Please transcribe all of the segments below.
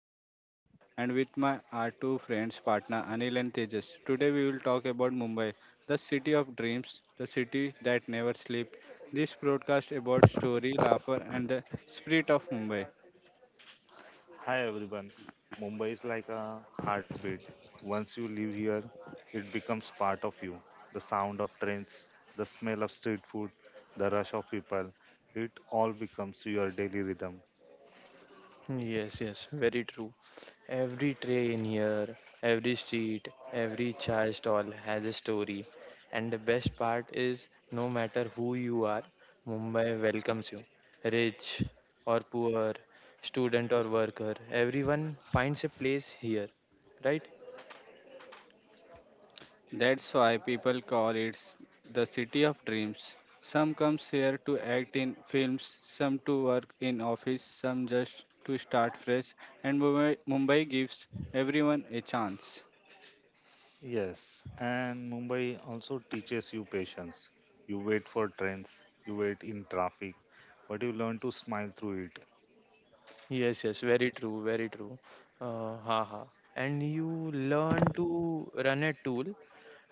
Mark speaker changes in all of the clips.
Speaker 1: I am Rahul and with my are two friends partner Anil and Tejas. Today we will talk about Mumbai, the city of dreams, the city that never sleeps. This broadcast about story, laughter and the spirit of Mumbai.
Speaker 2: Hi everyone. Mumbai is like a heartbeat. Once you live here, it becomes part of you. The sound of trains, the smell of street food, the rush of people, it all becomes your daily rhythm.
Speaker 3: Yes, yes, very true. Every tray in here, every street, every chai stall has a story. And the best part is, no matter who you are, Mumbai welcomes you. Rich or poor, student or worker, everyone finds a place here, right?
Speaker 1: That's why people call it the city of dreams. Some comes here to act in films, some to work in office, some just to start fresh and Mumbai gives everyone a chance.
Speaker 2: Yes, and Mumbai also teaches you patience. You wait for trains, you wait in traffic, but you learn to smile through it.
Speaker 3: Yes, yes, very true, very true. Haha. And you learn to run a tool,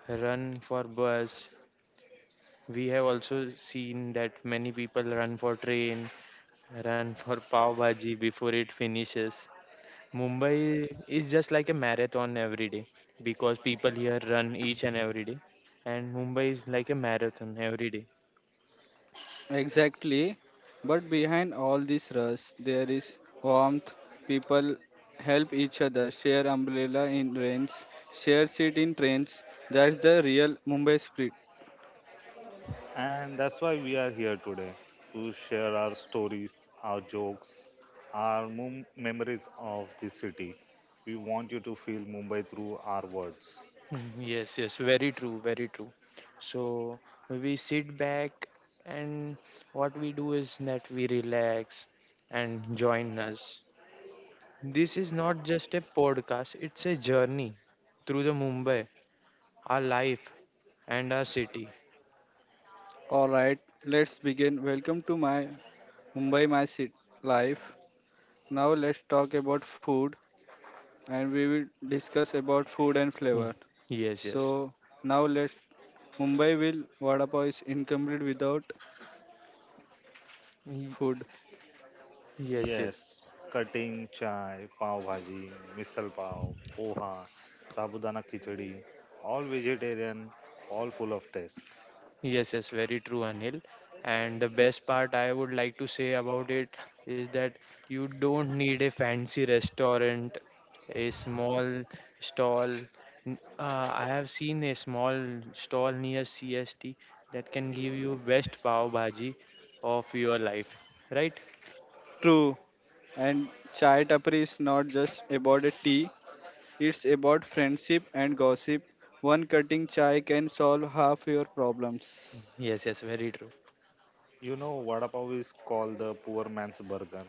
Speaker 3: run for bus. We have also seen that many people run for train, run for pav bhaji before it finishes. Mumbai is just like a marathon every day because people here run each and every day, and Mumbai is like a marathon every day.
Speaker 1: Exactly. But behind all this rush, there is warmth. People help each other, share umbrella in rains, share seat in trains. That's the real Mumbai spirit.
Speaker 2: And that's why we are here today to share our stories, our jokes, our mum memories of the city. We want you to feel Mumbai through our words.
Speaker 3: Yes, yes, very true, very true. So we sit back and what we do is that we relax and join us. This is not just a podcast, it's a journey through the Mumbai, our life and our city.
Speaker 1: All right, let's begin. Welcome to my Mumbai My City Life. Now let's talk about food and we will discuss about food and
Speaker 3: Hmm.
Speaker 1: flavor.
Speaker 3: Yes, yes.
Speaker 1: So now let's Mumbai will Vada Pav is incomplete without
Speaker 3: Y-
Speaker 1: food.
Speaker 3: Yes, yes.
Speaker 2: Yes, cutting chai, pav bhaji, misal pav, poha, sabudana khichdi, all vegetarian, all full of taste.
Speaker 3: Yes, yes, very true, Anil. And the best part I would like to say about it is that you don't need a fancy restaurant, a small stall. N- I have seen a small stall near CST that can give you best pav bhaji of your life, right?
Speaker 1: True. And chai tapri is not just about a tea, it's about friendship and gossip. One cutting chai can solve half your problems.
Speaker 3: Yes, yes, very true.
Speaker 2: You know, vada pav is called the poor man's burger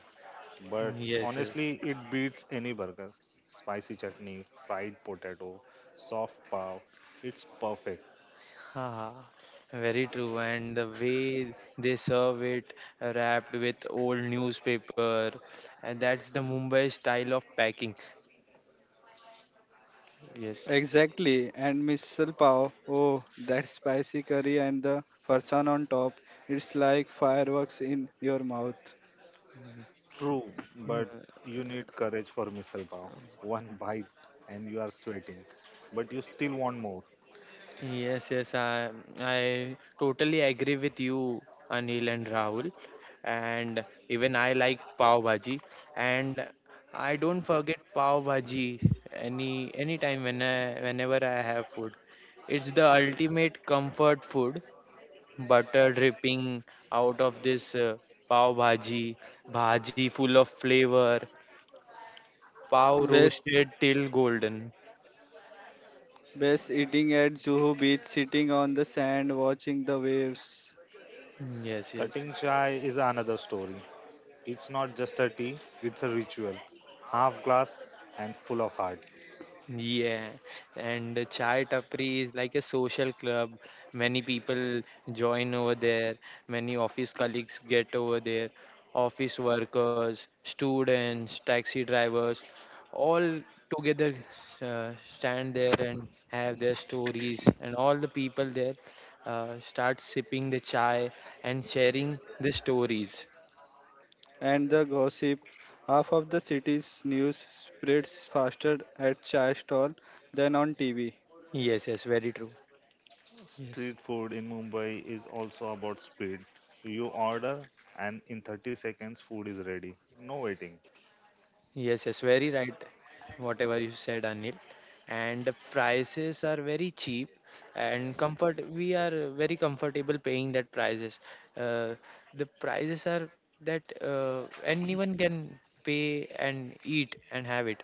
Speaker 2: but
Speaker 3: Yes, yes.
Speaker 2: honestly, it beats any burger. Spicy chutney, fried potato, soft pav. It's perfect.
Speaker 3: Haha, very true. And the way they serve it, wrapped with old newspaper, and that's the Mumbai style of packing. Yes.
Speaker 1: Exactly, and misal pav. Oh, that spicy curry and the farsan on top. It's like fireworks in your mouth.
Speaker 2: True, but
Speaker 3: Mm,
Speaker 2: you need courage for misal pav. One bite and you are sweating, but you still want more.
Speaker 3: yes, yes. I totally agree with you, Anil and Rahul. And even I like pav bhaji, and I don't forget pav bhaji any time when whenever I have food. It's the ultimate comfort food, butter dripping out of this pav bhaji, bhaji full of flavor, pav
Speaker 1: Best,
Speaker 3: roasted till golden.
Speaker 1: best eating at Juhu Beach, sitting on the sand, watching the waves.
Speaker 3: Yes, yes.
Speaker 2: Cutting chai is another story. It's not just a tea, it's a ritual. Half glass and full of heart.
Speaker 3: Yeah, and the Chai Tapri is like a social club. Many people join over there. Many office colleagues get over there. Office workers, students, taxi drivers, all together stand there and have their stories. And all the people there start sipping the chai and sharing the stories.
Speaker 1: And the gossip. Half of the city's news spreads faster at chai stall than on TV,
Speaker 3: Yes, yes, very true. Yes.
Speaker 2: Street food in Mumbai is also about speed. You order and in 30 seconds food is ready. No waiting.
Speaker 3: Yes, yes, very right. Whatever you said, Anil. And the prices are very cheap and comfort. We are very comfortable paying that prices. Uh, the prices are that anyone can pay and eat and have it.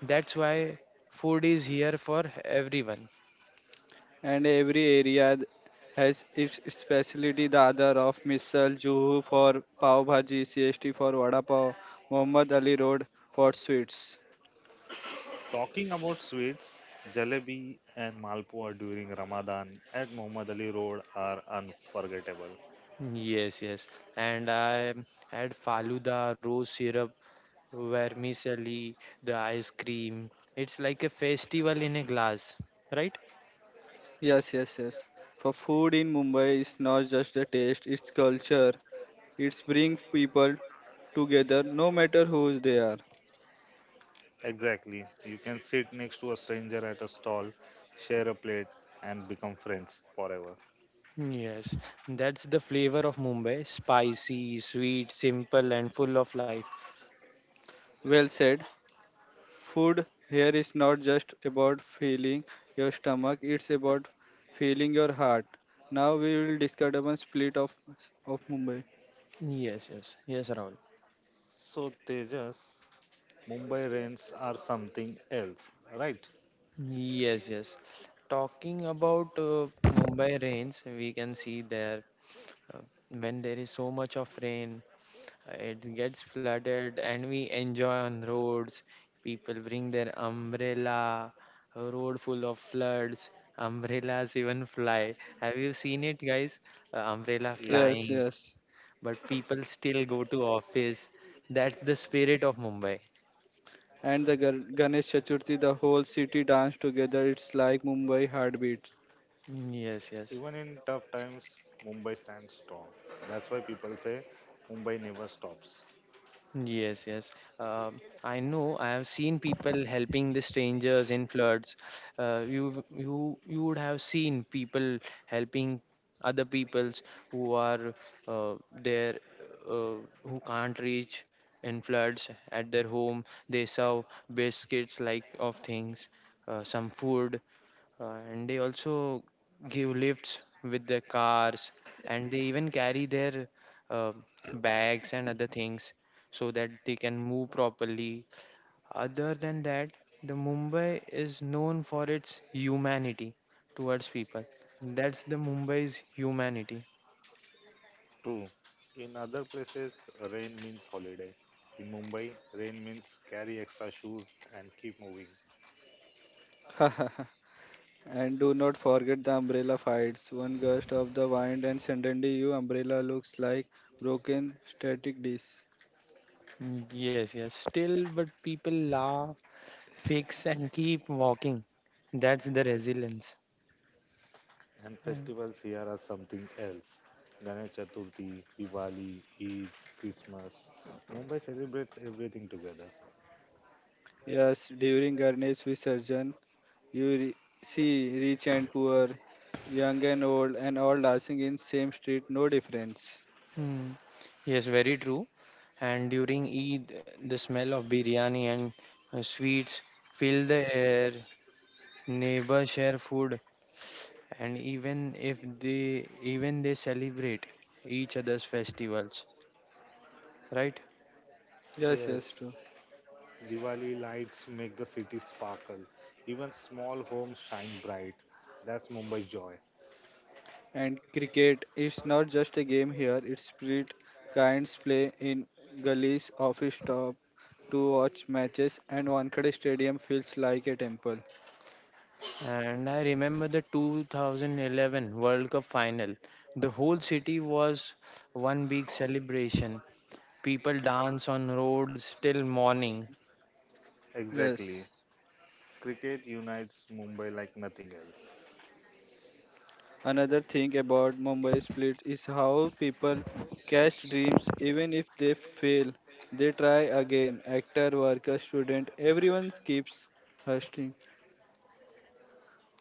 Speaker 3: That's why food is here for everyone.
Speaker 1: and every area has its specialty. The other of Misal Juhu for pav bhaji, CST for vada pav, Muhammad Ali Road for sweets.
Speaker 2: Talking about sweets, jalebi and malpua during Ramadan at Muhammad Ali Road are unforgettable.
Speaker 3: Yes, yes. And I had Faluda, rose syrup, vermicelli, the ice cream. It's like a festival in a glass, right?
Speaker 1: Yes, yes, yes. For food in Mumbai is not just a taste; it's culture. It's bring people together, no matter who they are.
Speaker 2: Exactly. You can sit next to a stranger at a stall, share a plate, and become friends forever.
Speaker 3: Yes, that's the flavor of Mumbai. Spicy, sweet, simple, and full of life.
Speaker 1: Well said. Food here is not just about filling your stomach, it's about filling your heart. Now we will discuss about split of Mumbai.
Speaker 3: Yes, yes, yes, Rahul.
Speaker 2: So, Tejas, Mumbai rains are something else, right?
Speaker 3: Yes, yes. Talking about Mumbai rains, we can see there uh, when there is so much of rain, it gets flooded, and we enjoy on roads. People bring their umbrella, a road full of floods, umbrellas even fly. Have you seen it, guys? Umbrella
Speaker 1: Yes,
Speaker 2: Yes.
Speaker 3: flying.
Speaker 1: yes.
Speaker 3: But people still go to office. That's the spirit of Mumbai.
Speaker 1: And the Ganesh Chaturthi, the whole city dance together. It's like Mumbai heartbeats.
Speaker 3: Yes, yes.
Speaker 2: Even in tough times, Mumbai stands strong. That's why people say Mumbai never stops.
Speaker 3: Yes, yes. I know. I have seen people helping the strangers in floods. You would have seen people helping other peoples who are uh, there, who can't reach in floods at their home. They serve baskets like of things, some food. And they also give lifts with their cars, and they even carry their uh, bags and other things so that they can move properly. Other than that, the Mumbai is known for its humanity towards people. That's the Mumbai's humanity.
Speaker 2: True. In other places, rain means holiday. In Mumbai, rain means carry extra shoes and keep moving.
Speaker 1: And do not forget the umbrella fights. One gust of the wind and suddenly your umbrella looks like broken static disc.
Speaker 3: Yes, yes. Still, but people laugh, fix, and keep walking. That's the resilience.
Speaker 2: And festivals here are something else. Ganesh Chaturthi, Diwali, Eid, Christmas. Mumbai celebrates everything together.
Speaker 1: Yes, during Ganesh Visarjan, You re- see rich and poor, young and old, and all dancing in same street, no difference.
Speaker 3: Hmm. Yes, very true. And during Eid, the smell of biryani and sweets fill the air. Neighbors share food, and even if they even they celebrate each other's festivals, right?
Speaker 1: Yes, yes,
Speaker 2: Yes,
Speaker 1: true.
Speaker 2: Diwali lights make the city sparkle. Even small homes shine bright. That's Mumbai's joy.
Speaker 1: And cricket, it's not just a game here. It's spirit kinds play in gullies, office top to watch matches, and Wankhede Stadium feels like a temple.
Speaker 3: And I remember the 2011 World Cup final. The whole city was one big celebration. People dance on roads till morning.
Speaker 2: Exactly.
Speaker 1: Yes.
Speaker 2: Cricket unites Mumbai like nothing else.
Speaker 1: Another thing about Mumbai split is how people catch dreams even if they fail. They try again. Actor, worker, student, everyone keeps hustling.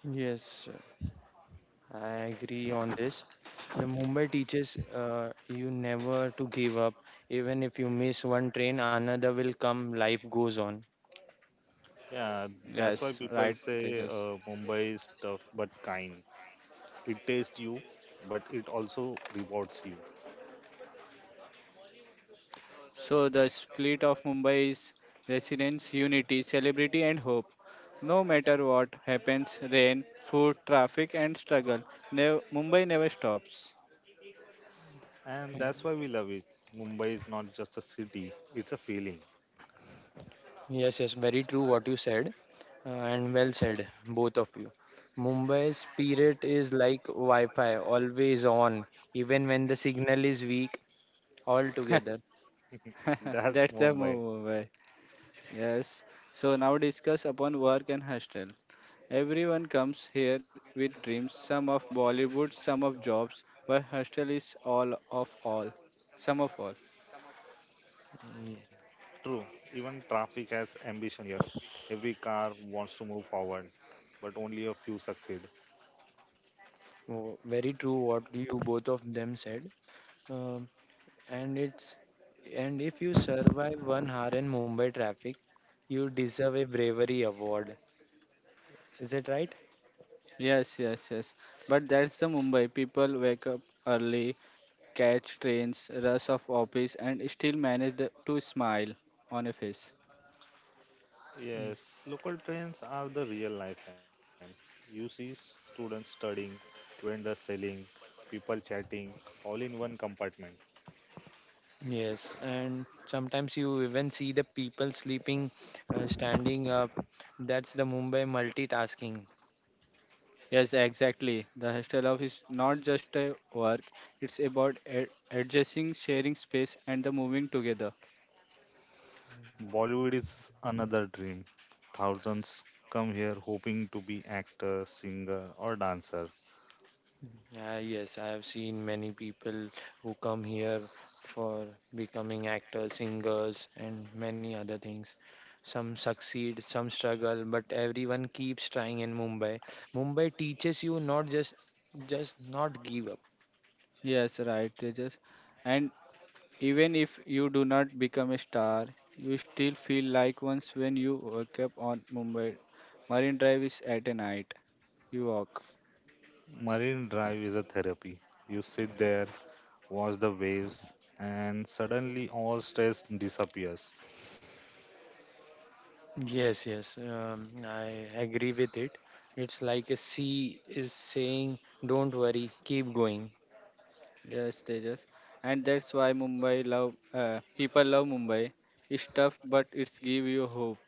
Speaker 3: Yes, I agree on this. The Mumbai teaches you never to give up. Even if you miss one train, another will come. Life goes on.
Speaker 2: Yeah,
Speaker 1: Yes,
Speaker 2: that's
Speaker 1: right,
Speaker 2: why people
Speaker 1: Tejas.
Speaker 2: say Mumbai is tough but kind. It tastes you, but it also rewards you.
Speaker 1: So the split of Mumbai is residence, unity, celebrity, and hope. No matter what happens, rain, food, traffic, and struggle, Mumbai never stops.
Speaker 2: And that's why we love it. Mumbai is not just a city, it's a feeling.
Speaker 3: Yes, yes, very true what you said, and well said, both of you. Mumbai's spirit is like Wi Fi, always on, even when the signal is weak, altogether.
Speaker 2: That's
Speaker 1: That's the
Speaker 2: Mumbai.
Speaker 1: Mumbai. Yes. So now discuss upon work and hostel. Everyone comes here with dreams, some of Bollywood, some of jobs, but hostel is all of all, some of all.
Speaker 3: Yeah.
Speaker 2: True, even traffic has ambition here. Every car wants to move forward, but only a few succeed.
Speaker 3: Oh, very true what you both of them said. Um, and it's, and if you survive 1 hour in Mumbai traffic, you deserve a bravery award. Is it right?
Speaker 1: Yes, yes, yes. But that's the Mumbai. People wake up early, catch trains, rush off office, and still manage to smile on a face.
Speaker 3: Mm,
Speaker 2: Yes, local trains are the real lifeline. You see students studying, vendors selling, people chatting, all in one compartment.
Speaker 3: Yes, and sometimes you even see the people sleeping, standing up. That's the Mumbai multitasking.
Speaker 1: Yes, exactly. The hostel life is not just a work, it's about adjusting, sharing space, and the moving together.
Speaker 2: Bollywood is another dream. Thousands come here hoping to be actor, singer, or dancer.
Speaker 3: Yes, I have seen many people who come here for becoming actors, singers, and many other things. Some succeed, some struggle, but everyone keeps trying in Mumbai. Mumbai teaches you not just just not give up.
Speaker 1: Yes, right, Tejas. And even if you do not become a star, you still feel like once when you wake up on Mumbai. Marine Drive is at a night. You walk.
Speaker 2: Marine Drive is a therapy. You sit there, watch the waves, and suddenly all stress disappears.
Speaker 3: Yes, yes, I agree with it. It's like a sea is saying, "Don't worry, keep going."
Speaker 1: Yes, Tejas, and that's why Mumbai love people love Mumbai. It's tough, but it's give you hope.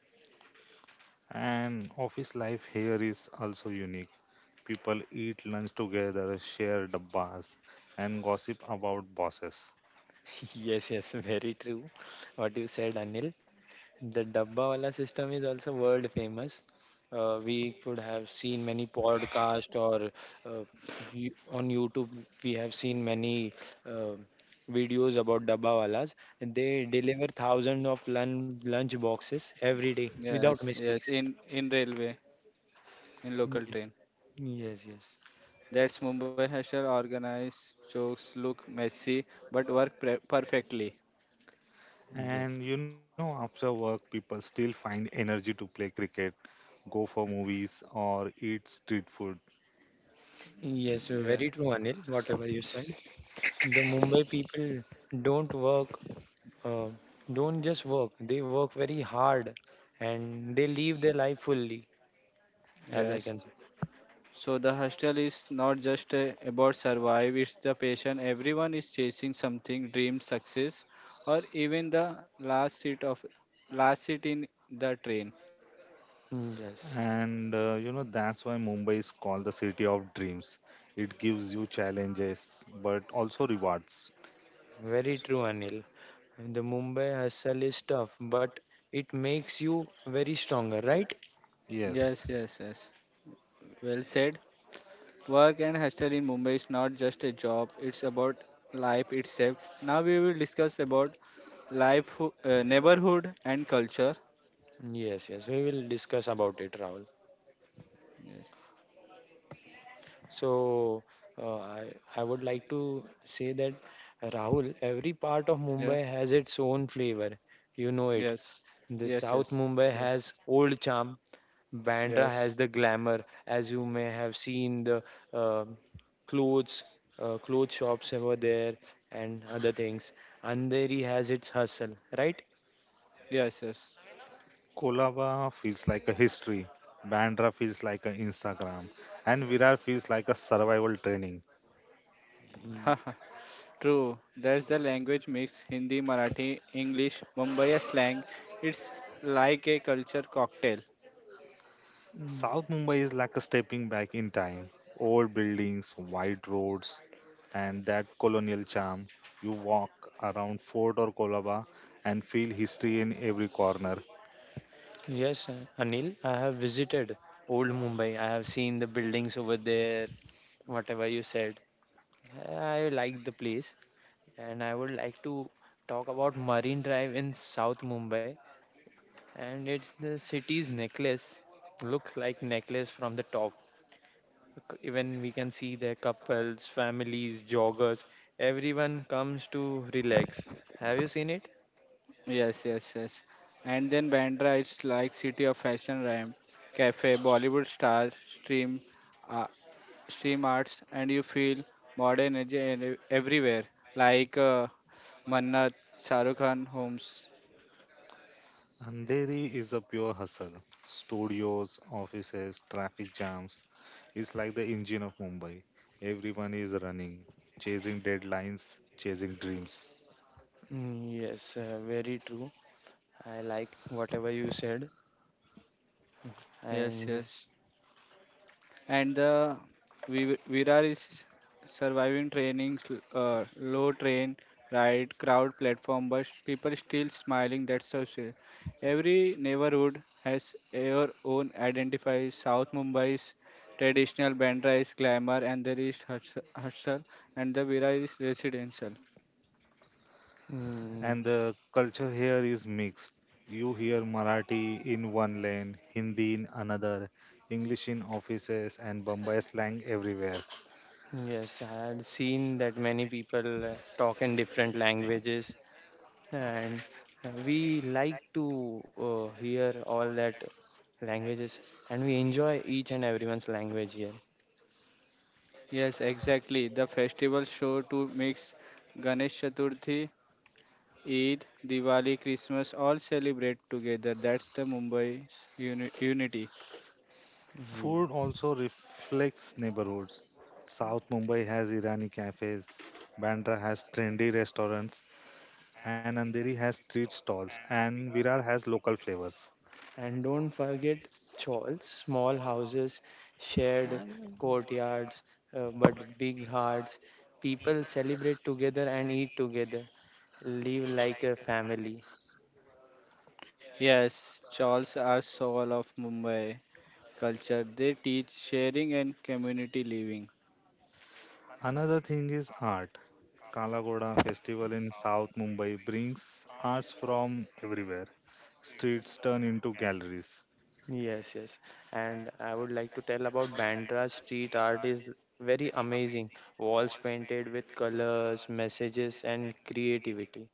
Speaker 2: And office life here is also unique. People eat lunch together, share dabbas, and gossip about bosses.
Speaker 3: Yes, yes, very true. What you said, Anil. The Dabbawala system is also world famous. We could have seen many podcasts or uh, on YouTube, we have seen many uh, videos about Dabbawalas. They deliver thousands of lunch boxes every day without
Speaker 1: Yes, yes,
Speaker 3: mistakes.
Speaker 1: in railway, in local
Speaker 3: Yes,
Speaker 1: train.
Speaker 3: yes, yes.
Speaker 1: That's Mumbai hustle, organized, jokes look messy, but work perfectly.
Speaker 3: Yes,
Speaker 2: And you know, after work, people still find energy to play cricket, go for movies, or eat street food.
Speaker 3: yes,
Speaker 1: Yeah,
Speaker 3: very true, Anil, whatever you said. The Mumbai people don't work, uh, don't just work, they work very hard and they live their life fully, as I
Speaker 1: yes.
Speaker 3: can say.
Speaker 1: So the hostel is not just about survive; it's the patient. Everyone is chasing something, dream, success, or even the last seat of last seat in the train.
Speaker 3: Yes,
Speaker 2: And you know, that's why Mumbai is called the city of dreams. It gives you challenges, but also rewards.
Speaker 3: very true, Anil. The Mumbai hustle is tough, but it makes you very stronger, right?
Speaker 1: Yes,
Speaker 2: Yes.
Speaker 1: yes, yes. Well said. Work and hostel in Mumbai is not just a job, it's about life itself. Now we will discuss about life, neighborhood and culture.
Speaker 3: Yes, yes, we will discuss about it, Rahul.
Speaker 1: Yes.
Speaker 3: So uh, I, I would like to say that Rahul, every part of
Speaker 1: Yes.
Speaker 3: Mumbai has its own flavor. You know it.
Speaker 1: Yes.
Speaker 3: The
Speaker 1: Yes.
Speaker 3: South
Speaker 1: Yes.
Speaker 3: Mumbai
Speaker 1: True.
Speaker 3: has old charm. Bandra has
Speaker 1: Yes.
Speaker 3: the glamour, as you may have seen the um clothes, clothes shops over there and other things. Andheri has its hustle, right?
Speaker 1: Yes. Yes.
Speaker 2: Kolaba feels like a history. Bandra feels like an Instagram. And Virar feels like a survival training.
Speaker 1: True. That's the language mix Hindi, Marathi, English, Mumbai slang. It's like a culture cocktail.
Speaker 3: Mm,
Speaker 2: South Mumbai is like a stepping back in time. Old buildings, wide roads, and that colonial charm. You walk around Fort or Colaba and feel history in every corner.
Speaker 3: Yes, Anil, I have visited old Mumbai. I have seen the buildings over there, whatever you said. I like the place and I would like to talk about Marine Drive in South Mumbai, and it's the city's necklace. Looks like necklace from the top. Even we can see the couples, families, joggers, everyone comes to relax. Have you seen it?
Speaker 1: Yes, yes, yes. And then Bandra is like city of fashion ramp, cafe, Bollywood stars, stream, uh, stream arts, and you feel modern energy and everywhere, like Manna, Shahrukh Khan homes.
Speaker 2: Andheri is a pure hustle. Studios, offices, traffic jams. It's like the engine of Mumbai. Everyone is running, chasing deadlines, chasing dreams.
Speaker 3: Yes, very true. I like whatever you said. I
Speaker 1: Yes,
Speaker 3: enjoy.
Speaker 1: yes. And the Virar is surviving training, low train, ride, crowd platform, but people still smiling. That's so sweet. Every neighborhood has your own identify. South Mumbai's traditional Bandra is glamour, and there is hustle and the Virar is residential.
Speaker 3: Mm,
Speaker 2: And the culture here is mixed. You hear Marathi in one lane, Hindi in another, English in offices, and Bombay slang everywhere.
Speaker 3: yes, I had seen that many people talk in different languages, and we like to hear all that languages, and we enjoy each and everyone's language here.
Speaker 1: Yes, exactly. The festival show to mix Ganesh Chaturthi Eid, Diwali, Christmas all celebrate together. That's the Mumbai's unity.
Speaker 3: Mm,
Speaker 2: Food also reflects neighborhoods. South Mumbai has Irani cafes, Bandra has trendy restaurants, and Andheri has street stalls, and Virar has local flavors.
Speaker 3: And don't forget chawls, small houses, shared
Speaker 1: क्या जरूरत है?
Speaker 3: courtyards, but big hearts. People celebrate together and eat together, live like a family.
Speaker 1: Yes, Chawls are soul of Mumbai culture. They teach sharing and community living.
Speaker 2: Another thing is art. Kalagoda festival in South Mumbai brings arts from everywhere. Streets turn into galleries.
Speaker 3: Yes, yes. And I would like to tell about Bandra street art is very amazing. Walls painted with colors, messages and creativity,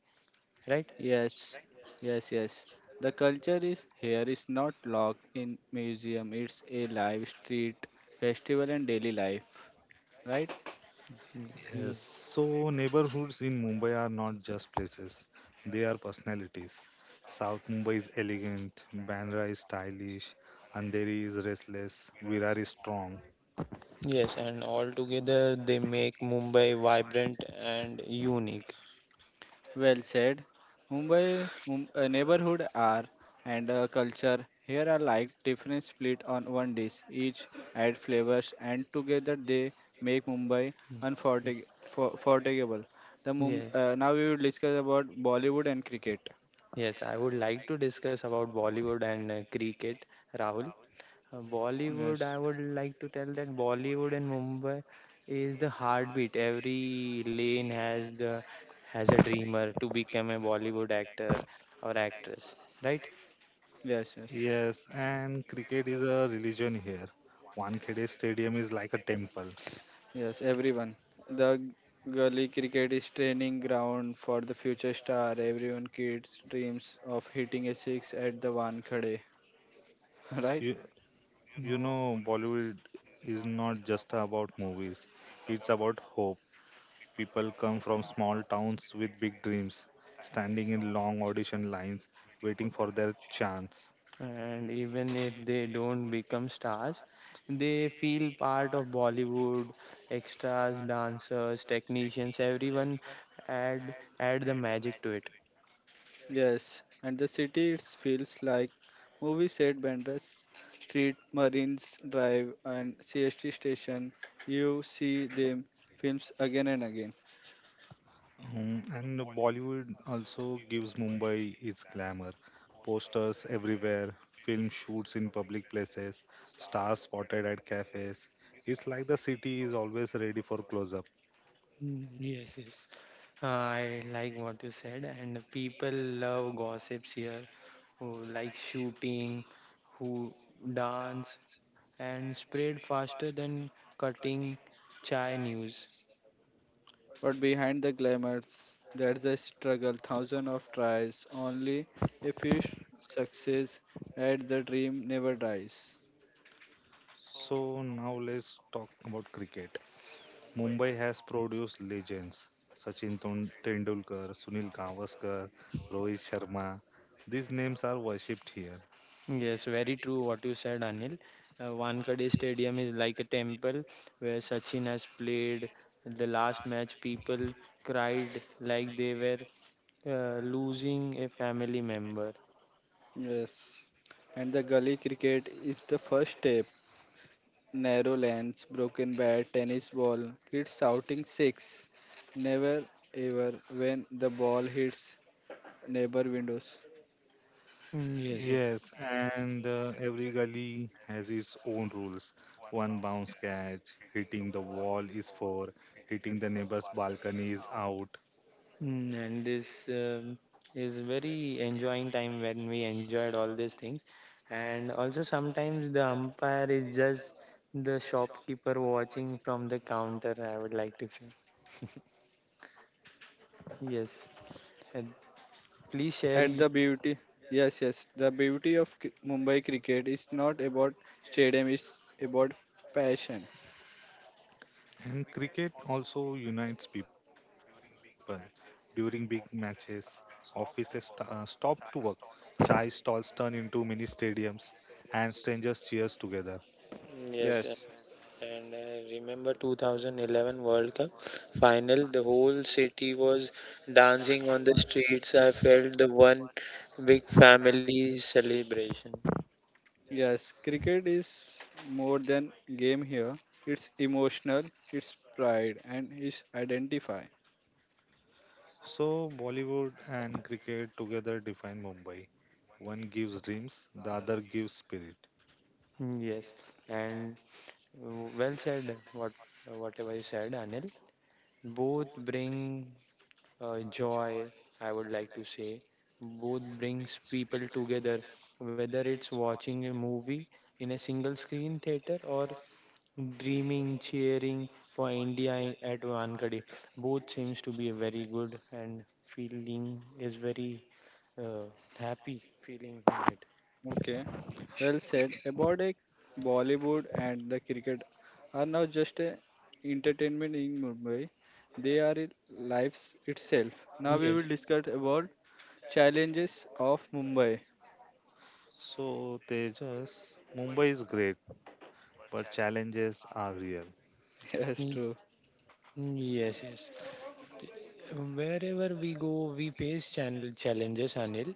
Speaker 3: right?
Speaker 1: Yes, yes, yes. The culture is here is not locked in museum. It's a live street festival and daily life, right?
Speaker 2: Yes,
Speaker 3: Ye-
Speaker 2: so neighborhoods in Mumbai are not just places, they are personalities. South Mumbai is elegant, Bandra is stylish, Andheri is restless, Virar is strong.
Speaker 3: Yes, and all together they make Mumbai vibrant and unique.
Speaker 1: Well said. Neighborhood are and culture here are like different split on one dish. Each add flavors and together they make Mumbai
Speaker 3: Mm.
Speaker 1: forgettable.
Speaker 3: Yeah.
Speaker 1: Now we will discuss about Bollywood and cricket.
Speaker 3: Yes, I would like to discuss about Bollywood and cricket, Rahul. Bollywood,
Speaker 1: Yes,
Speaker 3: I would like to tell that Bollywood and Mumbai is the heartbeat. Every lane has a dreamer to become a Bollywood actor or actress, right?
Speaker 1: yes, yes,
Speaker 2: Yes, and cricket is a religion here. Wankhede Stadium is like a temple.
Speaker 1: yes. Everyone, the gully cricket is training ground for the future star. Everyone kids dreams of hitting a six at the one khade, right?
Speaker 2: You, you know, Bollywood is not just about movies, it's about hope. People come from small towns with big dreams, standing in long audition lines, waiting for their chance.
Speaker 3: And even if they don't become stars, they feel part of Bollywood. Extras, dancers, technicians, everyone add add the magic to it.
Speaker 1: Yes, and the city it feels like movie set Bandras Street, Marines Drive, and CST station. You see them films again and again.
Speaker 2: Mm, and Bollywood also gives Mumbai its glamour. Posters everywhere, film shoots in public places, stars spotted at cafes. It's like the city is always ready for close up.
Speaker 3: Yes, yes. I like what you said, and people love gossips here, who like shooting, who dance, and spread faster than cutting chai news.
Speaker 1: But behind the glamours, there's a struggle, thousands of tries, only a few success, and the dream never dies.
Speaker 2: So now let's talk about cricket. Mumbai has produced legends Sachin Tendulkar, Sunil Gavaskar, Rohit Sharma. These names are worshipped here.
Speaker 3: Yes, very true what you said, Anil. Wankhede Stadium is like a temple where Sachin has played. The last match, people cried like they were losing a family member.
Speaker 1: Yes, and the gully cricket is the first step. Narrow lanes, broken bat, tennis ball, kids shouting six. Never ever when the ball hits neighbor windows.
Speaker 3: Yes. Yes.
Speaker 2: Yes, and every gully has its own rules. One bounce catch, hitting the wall is four, hitting the neighbor's balcony is out.
Speaker 3: Own rules. And this is very enjoying time when we enjoyed all these things. And also sometimes the umpire is just the shopkeeper watching from the counter, I would like to say. Yes. And please share.
Speaker 1: At the beauty, yes, yes, the beauty of Mumbai cricket is not about stadium, it's about passion.
Speaker 2: And cricket also unites people. During big matches, offices stop to work, chai stalls turn into mini stadiums, and strangers cheers together.
Speaker 3: Yes.
Speaker 1: Yes,
Speaker 3: And remember 2011 World Cup final, the whole city was dancing on the streets. I felt the one big family celebration.
Speaker 1: yes, cricket is more than game here. It's emotional, it's pride, and it's identify.
Speaker 2: So, Bollywood and cricket together define Mumbai. One gives dreams, the other gives spirit.
Speaker 3: Yes, and uh, well said. Whatever you said, Anil, both bring joy. I would like to say, both brings people together. Whether it's watching a movie in a single screen theater or dreaming, cheering for India at Wankhede. Both seems to be very good and feeling is very uh, happy feeling in it.
Speaker 1: Okay, well said about a Bollywood and the cricket are not just a entertainment in Mumbai, they are a lives itself. Now we will
Speaker 3: Yes.
Speaker 1: discuss about challenges of Mumbai.
Speaker 2: So, Tejas, Mumbai is great, but challenges are real.
Speaker 1: Yes,
Speaker 3: Ye-
Speaker 1: true.
Speaker 3: Yes, yes. Wherever we go, we face channel challenges, Anil.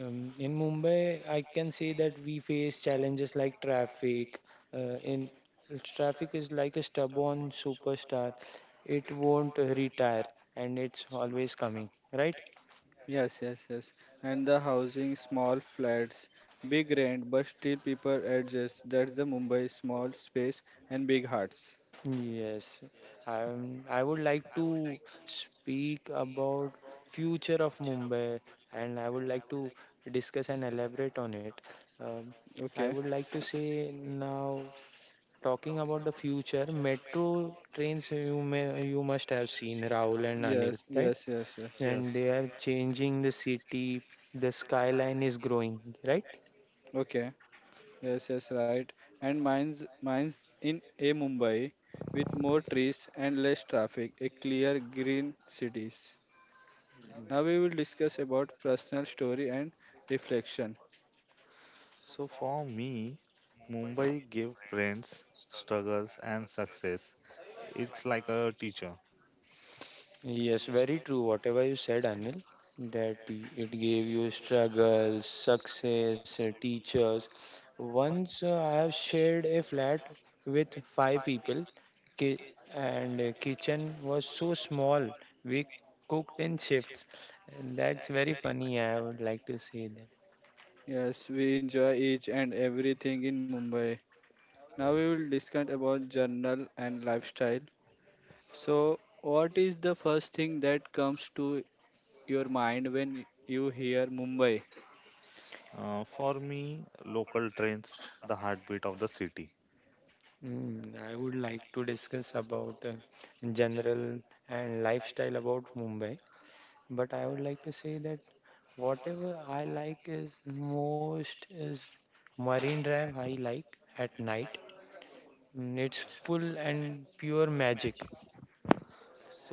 Speaker 3: In Mumbai, I can say that we face challenges like traffic. In Traffic is like a stubborn superstar; it won't retire, and it's always coming. Right?
Speaker 1: Yes, yes, yes. And the housing, small flats, big rent, but still people adjust. That's the Mumbai small space and big hearts.
Speaker 3: Yes, i I would like to speak about future of Mumbai, and I would like to discuss and elaborate on it. Um, I
Speaker 1: Okay.
Speaker 3: would like to say now, talking about the future, metro trains you must have seen, Rahul and Anil,
Speaker 1: Yes,
Speaker 3: right?
Speaker 1: yes, yes, yes.
Speaker 3: And
Speaker 2: Yes.
Speaker 3: they are changing the city. The skyline is growing, right?
Speaker 1: Okay. Yes, yes, right. And mine's in a Mumbai with more trees and less traffic, a clear green cities. Now we will discuss about personal story and reflection.
Speaker 2: So for me, Mumbai gave friends, struggles, and success. It's like a teacher.
Speaker 3: Yes, very true. Whatever you said, Anil, that it gave you struggles, success, teachers. Once I have shared a flat with 5 people, ki- and kitchen was so small. We cooked in shifts, and that's very funny. I would like to say that.
Speaker 1: Yes, we enjoy each and everything in Mumbai. Now we will discuss about journal and lifestyle. So, what is the first thing that comes to your mind when you hear Mumbai?
Speaker 2: For me, local trains, the heartbeat of the city.
Speaker 3: I would like to discuss about general and lifestyle about Mumbai, but I would like to say that whatever I like is most is Marine Drive. I like at night. It's full and pure magic.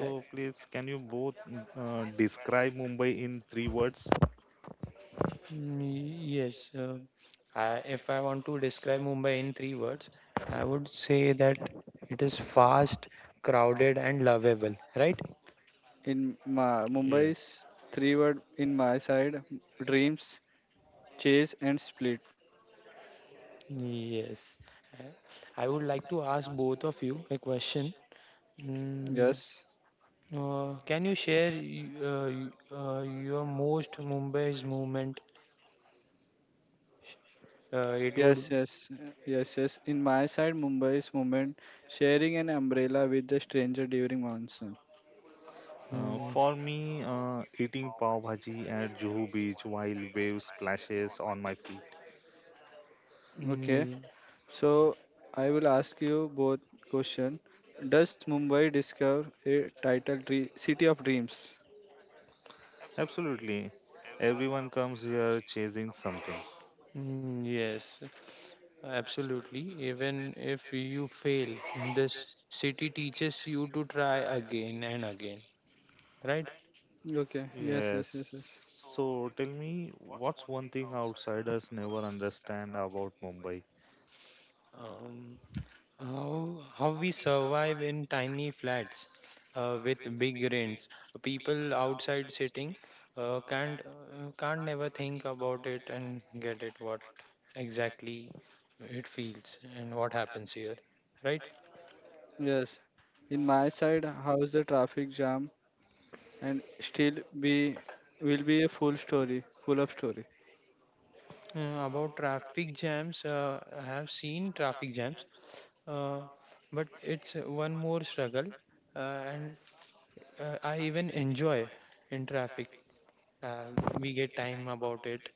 Speaker 3: Uh,
Speaker 2: please, can you both describe Mumbai in three words?
Speaker 3: Mm, Yes, uh, I, if I want to describe Mumbai in three words, I would say that it is fast, crowded, and lovable, right?
Speaker 1: In my,
Speaker 2: Yes.
Speaker 1: Mumbai's three word in my side dreams Chase and split.
Speaker 3: Yes. Uh, I would like to ask both of you a question. And
Speaker 1: Yes.
Speaker 3: Can you share your most Mumbai's movement? It would.
Speaker 1: Yes. In my side, Mumbai's moment, sharing an umbrella with a stranger during monsoon.
Speaker 3: Mm,
Speaker 2: For me, eating pav bhaji at Juhu Beach while waves splashes on my feet.
Speaker 3: mm,
Speaker 1: Okay,
Speaker 3: y-
Speaker 1: so I will ask you both question. Does Mumbai discover a title tree, city of dreams?
Speaker 2: Absolutely, everyone comes here chasing something.
Speaker 3: yes, absolutely. Even if you fail, this city teaches you to try again and again, right?
Speaker 1: Okay, yes, yes,
Speaker 2: Yes.
Speaker 1: yes, yes.
Speaker 2: So tell me, what's one thing outsiders never understand about Mumbai?
Speaker 3: Um, How, how we survive in tiny flats with big rents. People outside sitting can't never think about it and get it what exactly it feels and what happens here, right?
Speaker 1: Yes. In my side, how's the traffic jam and still be will be a full story, full of story.
Speaker 3: About traffic jams, I have seen traffic jams, uh, but it's one more struggle, uh, and I even enjoy in traffic. Uh, we get time about it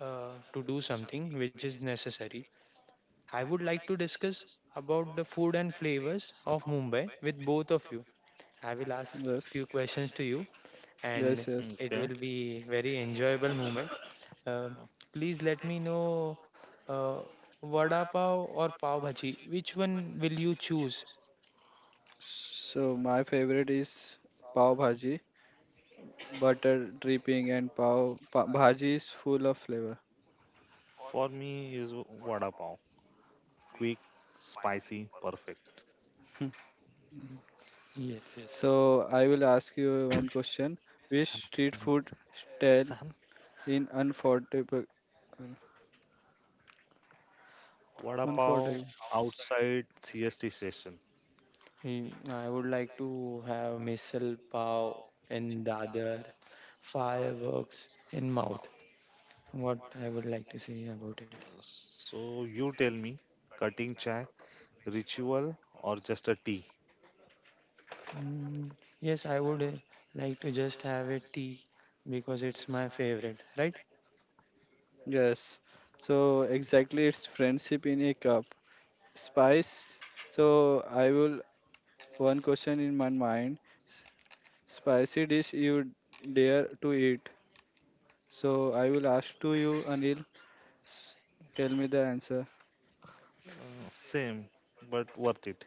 Speaker 3: to do something which is necessary. I would like to discuss about the food and flavors of Mumbai with both of you. I will ask
Speaker 1: Yes,
Speaker 3: few questions to you, and
Speaker 1: yes, yes.
Speaker 3: it
Speaker 2: Okay.
Speaker 3: will be very enjoyable moment. Uh, Please let me know uh, vada pav or pav bhaji. Which one will you choose?
Speaker 1: So my favorite is pav bhaji, butter dripping and bhaji is full of flavor.
Speaker 2: For me is vada pav. Quick, spicy, perfect.
Speaker 1: Hmm.
Speaker 3: Yes, yes.
Speaker 1: So I will ask you one question. Which
Speaker 2: I'm
Speaker 1: street
Speaker 2: thinking,
Speaker 1: food style
Speaker 2: Sam,
Speaker 1: in unforgettable?
Speaker 2: vada pav
Speaker 1: Unforgettable.
Speaker 2: outside CST station.
Speaker 3: I would like to have misal pav in Dadar, fireworks in mouth. What I would like to say about it.
Speaker 2: So you tell me, cutting chai, ritual or just a tea?
Speaker 3: Mm, yes, I would like to just have a tea because it's my favorite, right?
Speaker 1: Yes. So exactly, it's friendship in a cup. Spice. So I will one question in my mind. S- Spicy dish you dare to eat. So I will ask to you, Anil. S- Tell me the answer.
Speaker 2: Same, but worth it.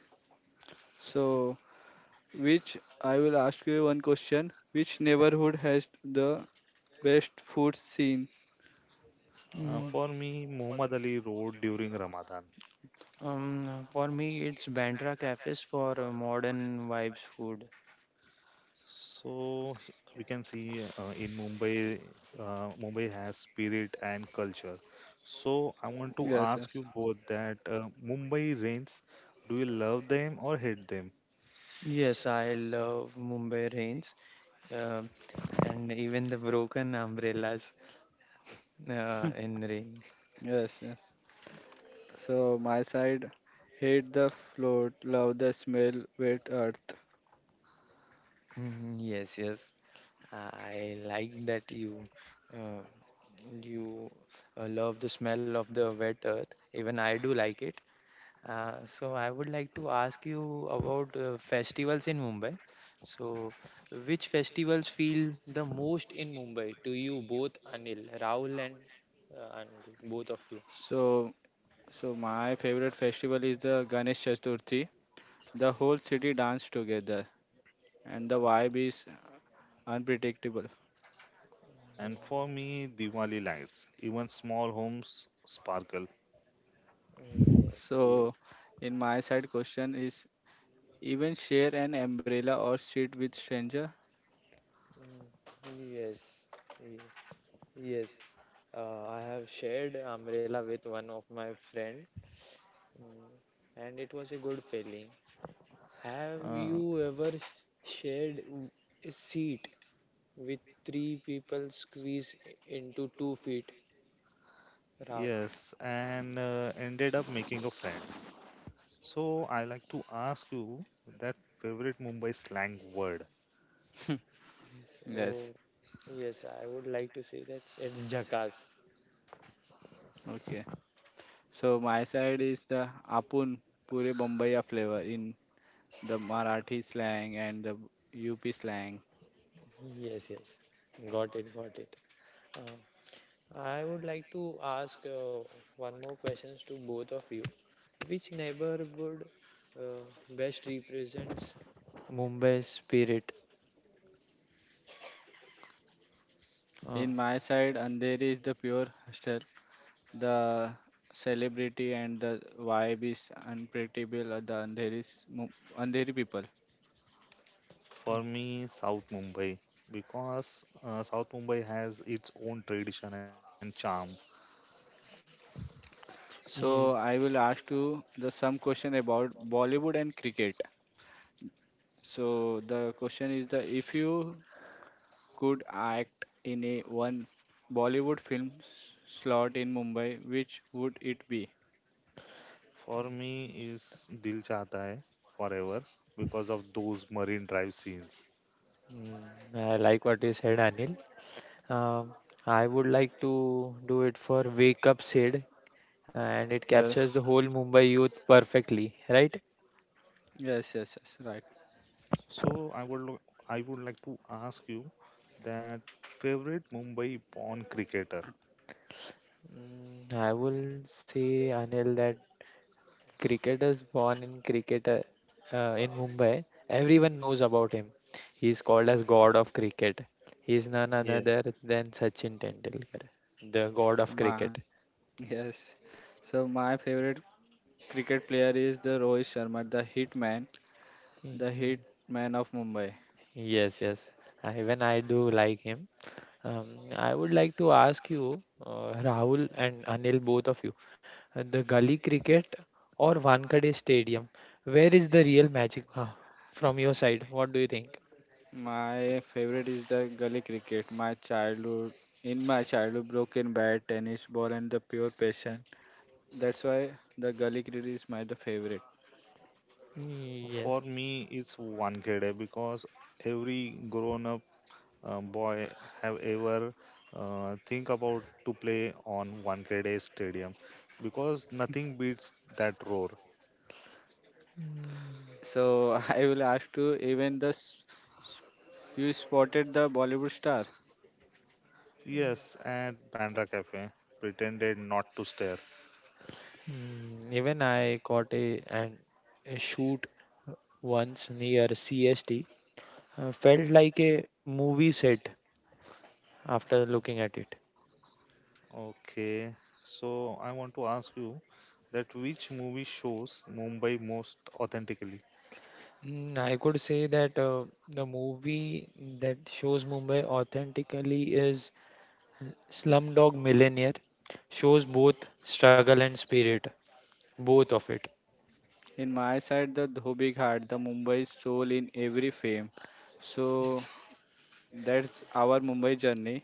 Speaker 1: So, which I will ask you one question. Which neighborhood has the best food scene?
Speaker 3: Mm,
Speaker 2: For me, Muhammad Ali Road during Ramadan.
Speaker 3: for me, it's Bandra cafes for modern vibes food.
Speaker 2: So h- we can see in Mumbai, Mumbai has spirit and culture. So I want
Speaker 1: Yes,
Speaker 2: to
Speaker 1: yes,
Speaker 2: ask you both that Mumbai rains, do you love them or hate them?
Speaker 3: Yes, I love Mumbai rains uh, and even the broken umbrellas in rain.
Speaker 1: yes, yes. So my side, hate the float, love the smell, wet earth.
Speaker 3: Mm, yes, yes. I like that you uh, you love the smell of the wet earth. Even I do like it. So I would like to ask you about festivals in Mumbai. So, which festivals feel the most in Mumbai to you both, Anil, Rahul, and Anil, both of you?
Speaker 1: So, so my favorite festival is the Ganesh Chaturthi. The whole city dance together, and the vibe is unpredictable.
Speaker 2: And for me, Diwali lights, even small homes sparkle.
Speaker 3: Yes,
Speaker 1: So,
Speaker 3: yes.
Speaker 1: in my side, question is Even share an umbrella or sit with stranger?
Speaker 3: Mm, yes, yes. Yes. I have shared umbrella with one of my friend. Mm, and it was a good feeling. Have
Speaker 2: Uh,
Speaker 3: you ever shared a seat with three people squeezed into 2 feet? Ra-
Speaker 2: yes, and ended up making a friend. So I like to ask you that favorite Mumbai slang word.
Speaker 3: Yes,
Speaker 1: yes.
Speaker 3: oh, yes, I would like to say that it's Jackass.
Speaker 1: Okay. So my side is the Apun Pure Bombaya flavor in the Marathi slang and the UP slang.
Speaker 3: Yes, yes, got it, got it. Uh, I would like to ask one more questions to both of you. Which neighborhood best represents Mumbai's spirit? Uh,
Speaker 1: In my side, Andheri is the pure hostel. The celebrity and the vibe is unpredictable. The Andheri people.
Speaker 3: y-
Speaker 2: For me, South Mumbai, because South Mumbai has its own tradition and charm.
Speaker 3: y-
Speaker 1: So I will ask you the some question about Bollywood and cricket. So the question is the if you could act in a one Bollywood film slot in Mumbai, which would it be?
Speaker 2: For me, is Dil Chahta Hai forever because of those marine drive scenes.
Speaker 3: Mm, I like what you said, Anil. Um, I would like to do it for Wake Up Sid, and it captures
Speaker 1: Yes.
Speaker 3: the whole Mumbai youth perfectly, right?
Speaker 1: Yes, yes, yes, right.
Speaker 2: So I would lo- I would like to ask you that favorite Mumbai born cricketer.
Speaker 3: I will say, Anil, that cricketers born in Mumbai, everyone knows about him. He is called as God of Cricket. He is none
Speaker 2: Yeah.
Speaker 3: other than Sachin Tendulkar, the God
Speaker 1: So
Speaker 3: of
Speaker 1: my
Speaker 3: Cricket.
Speaker 1: yes, so my favorite cricket player is the Rohit Sharma, the hit man of Mumbai.
Speaker 3: Yes, yes. Even I do like him. Um, I would like to ask you, Rahul and Anil, both of you, the gully cricket or Wankhede Stadium, where is the real magic from your side? What do you think?
Speaker 1: My favorite is the gully cricket. My childhood, in my childhood, broken bat, tennis ball, and the pure passion. That's why the gully cricket is my the favorite.
Speaker 3: Yes.
Speaker 2: For me, it's Wankhede because every grown up boy have ever think about to play on Wankhede Stadium because nothing beats that roar.
Speaker 3: Mm,
Speaker 1: So I will ask to even the s- you spotted the Bollywood star.
Speaker 2: Yes, at Bandra Cafe, pretended not to stare.
Speaker 3: Even I caught a and a shoot once near CST. Felt like a movie set after looking at it.
Speaker 2: Okay, so I want to ask you that which movie shows Mumbai most authentically?
Speaker 3: I could say that the movie that shows Mumbai authentically is Slumdog Millionaire. Shows both struggle and spirit, both of it.
Speaker 1: In my side, the Dhobi Ghat, the Mumbai soul in every fame. So that's our Mumbai journey,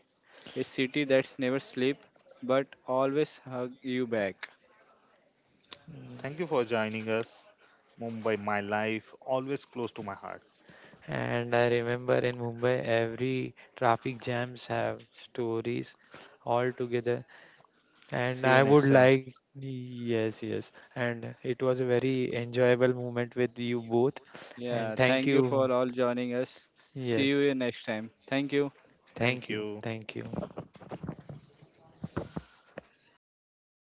Speaker 1: a city that's never sleep but always hug you back.
Speaker 3: Mm,
Speaker 2: Thank you for joining us. Mumbai, my life, always close to my heart.
Speaker 3: And I remember in Mumbai, every traffic jams have stories all together. And
Speaker 2: See you
Speaker 3: I would
Speaker 2: next time.
Speaker 3: like, yes, yes. And it was a very enjoyable moment with you both. And
Speaker 1: Yeah,
Speaker 3: thank
Speaker 1: thank you
Speaker 3: you.
Speaker 1: for all joining us. See
Speaker 3: Yes,
Speaker 1: you next time. Thank you.
Speaker 2: Thank
Speaker 3: thank you,
Speaker 2: you.
Speaker 3: thank you.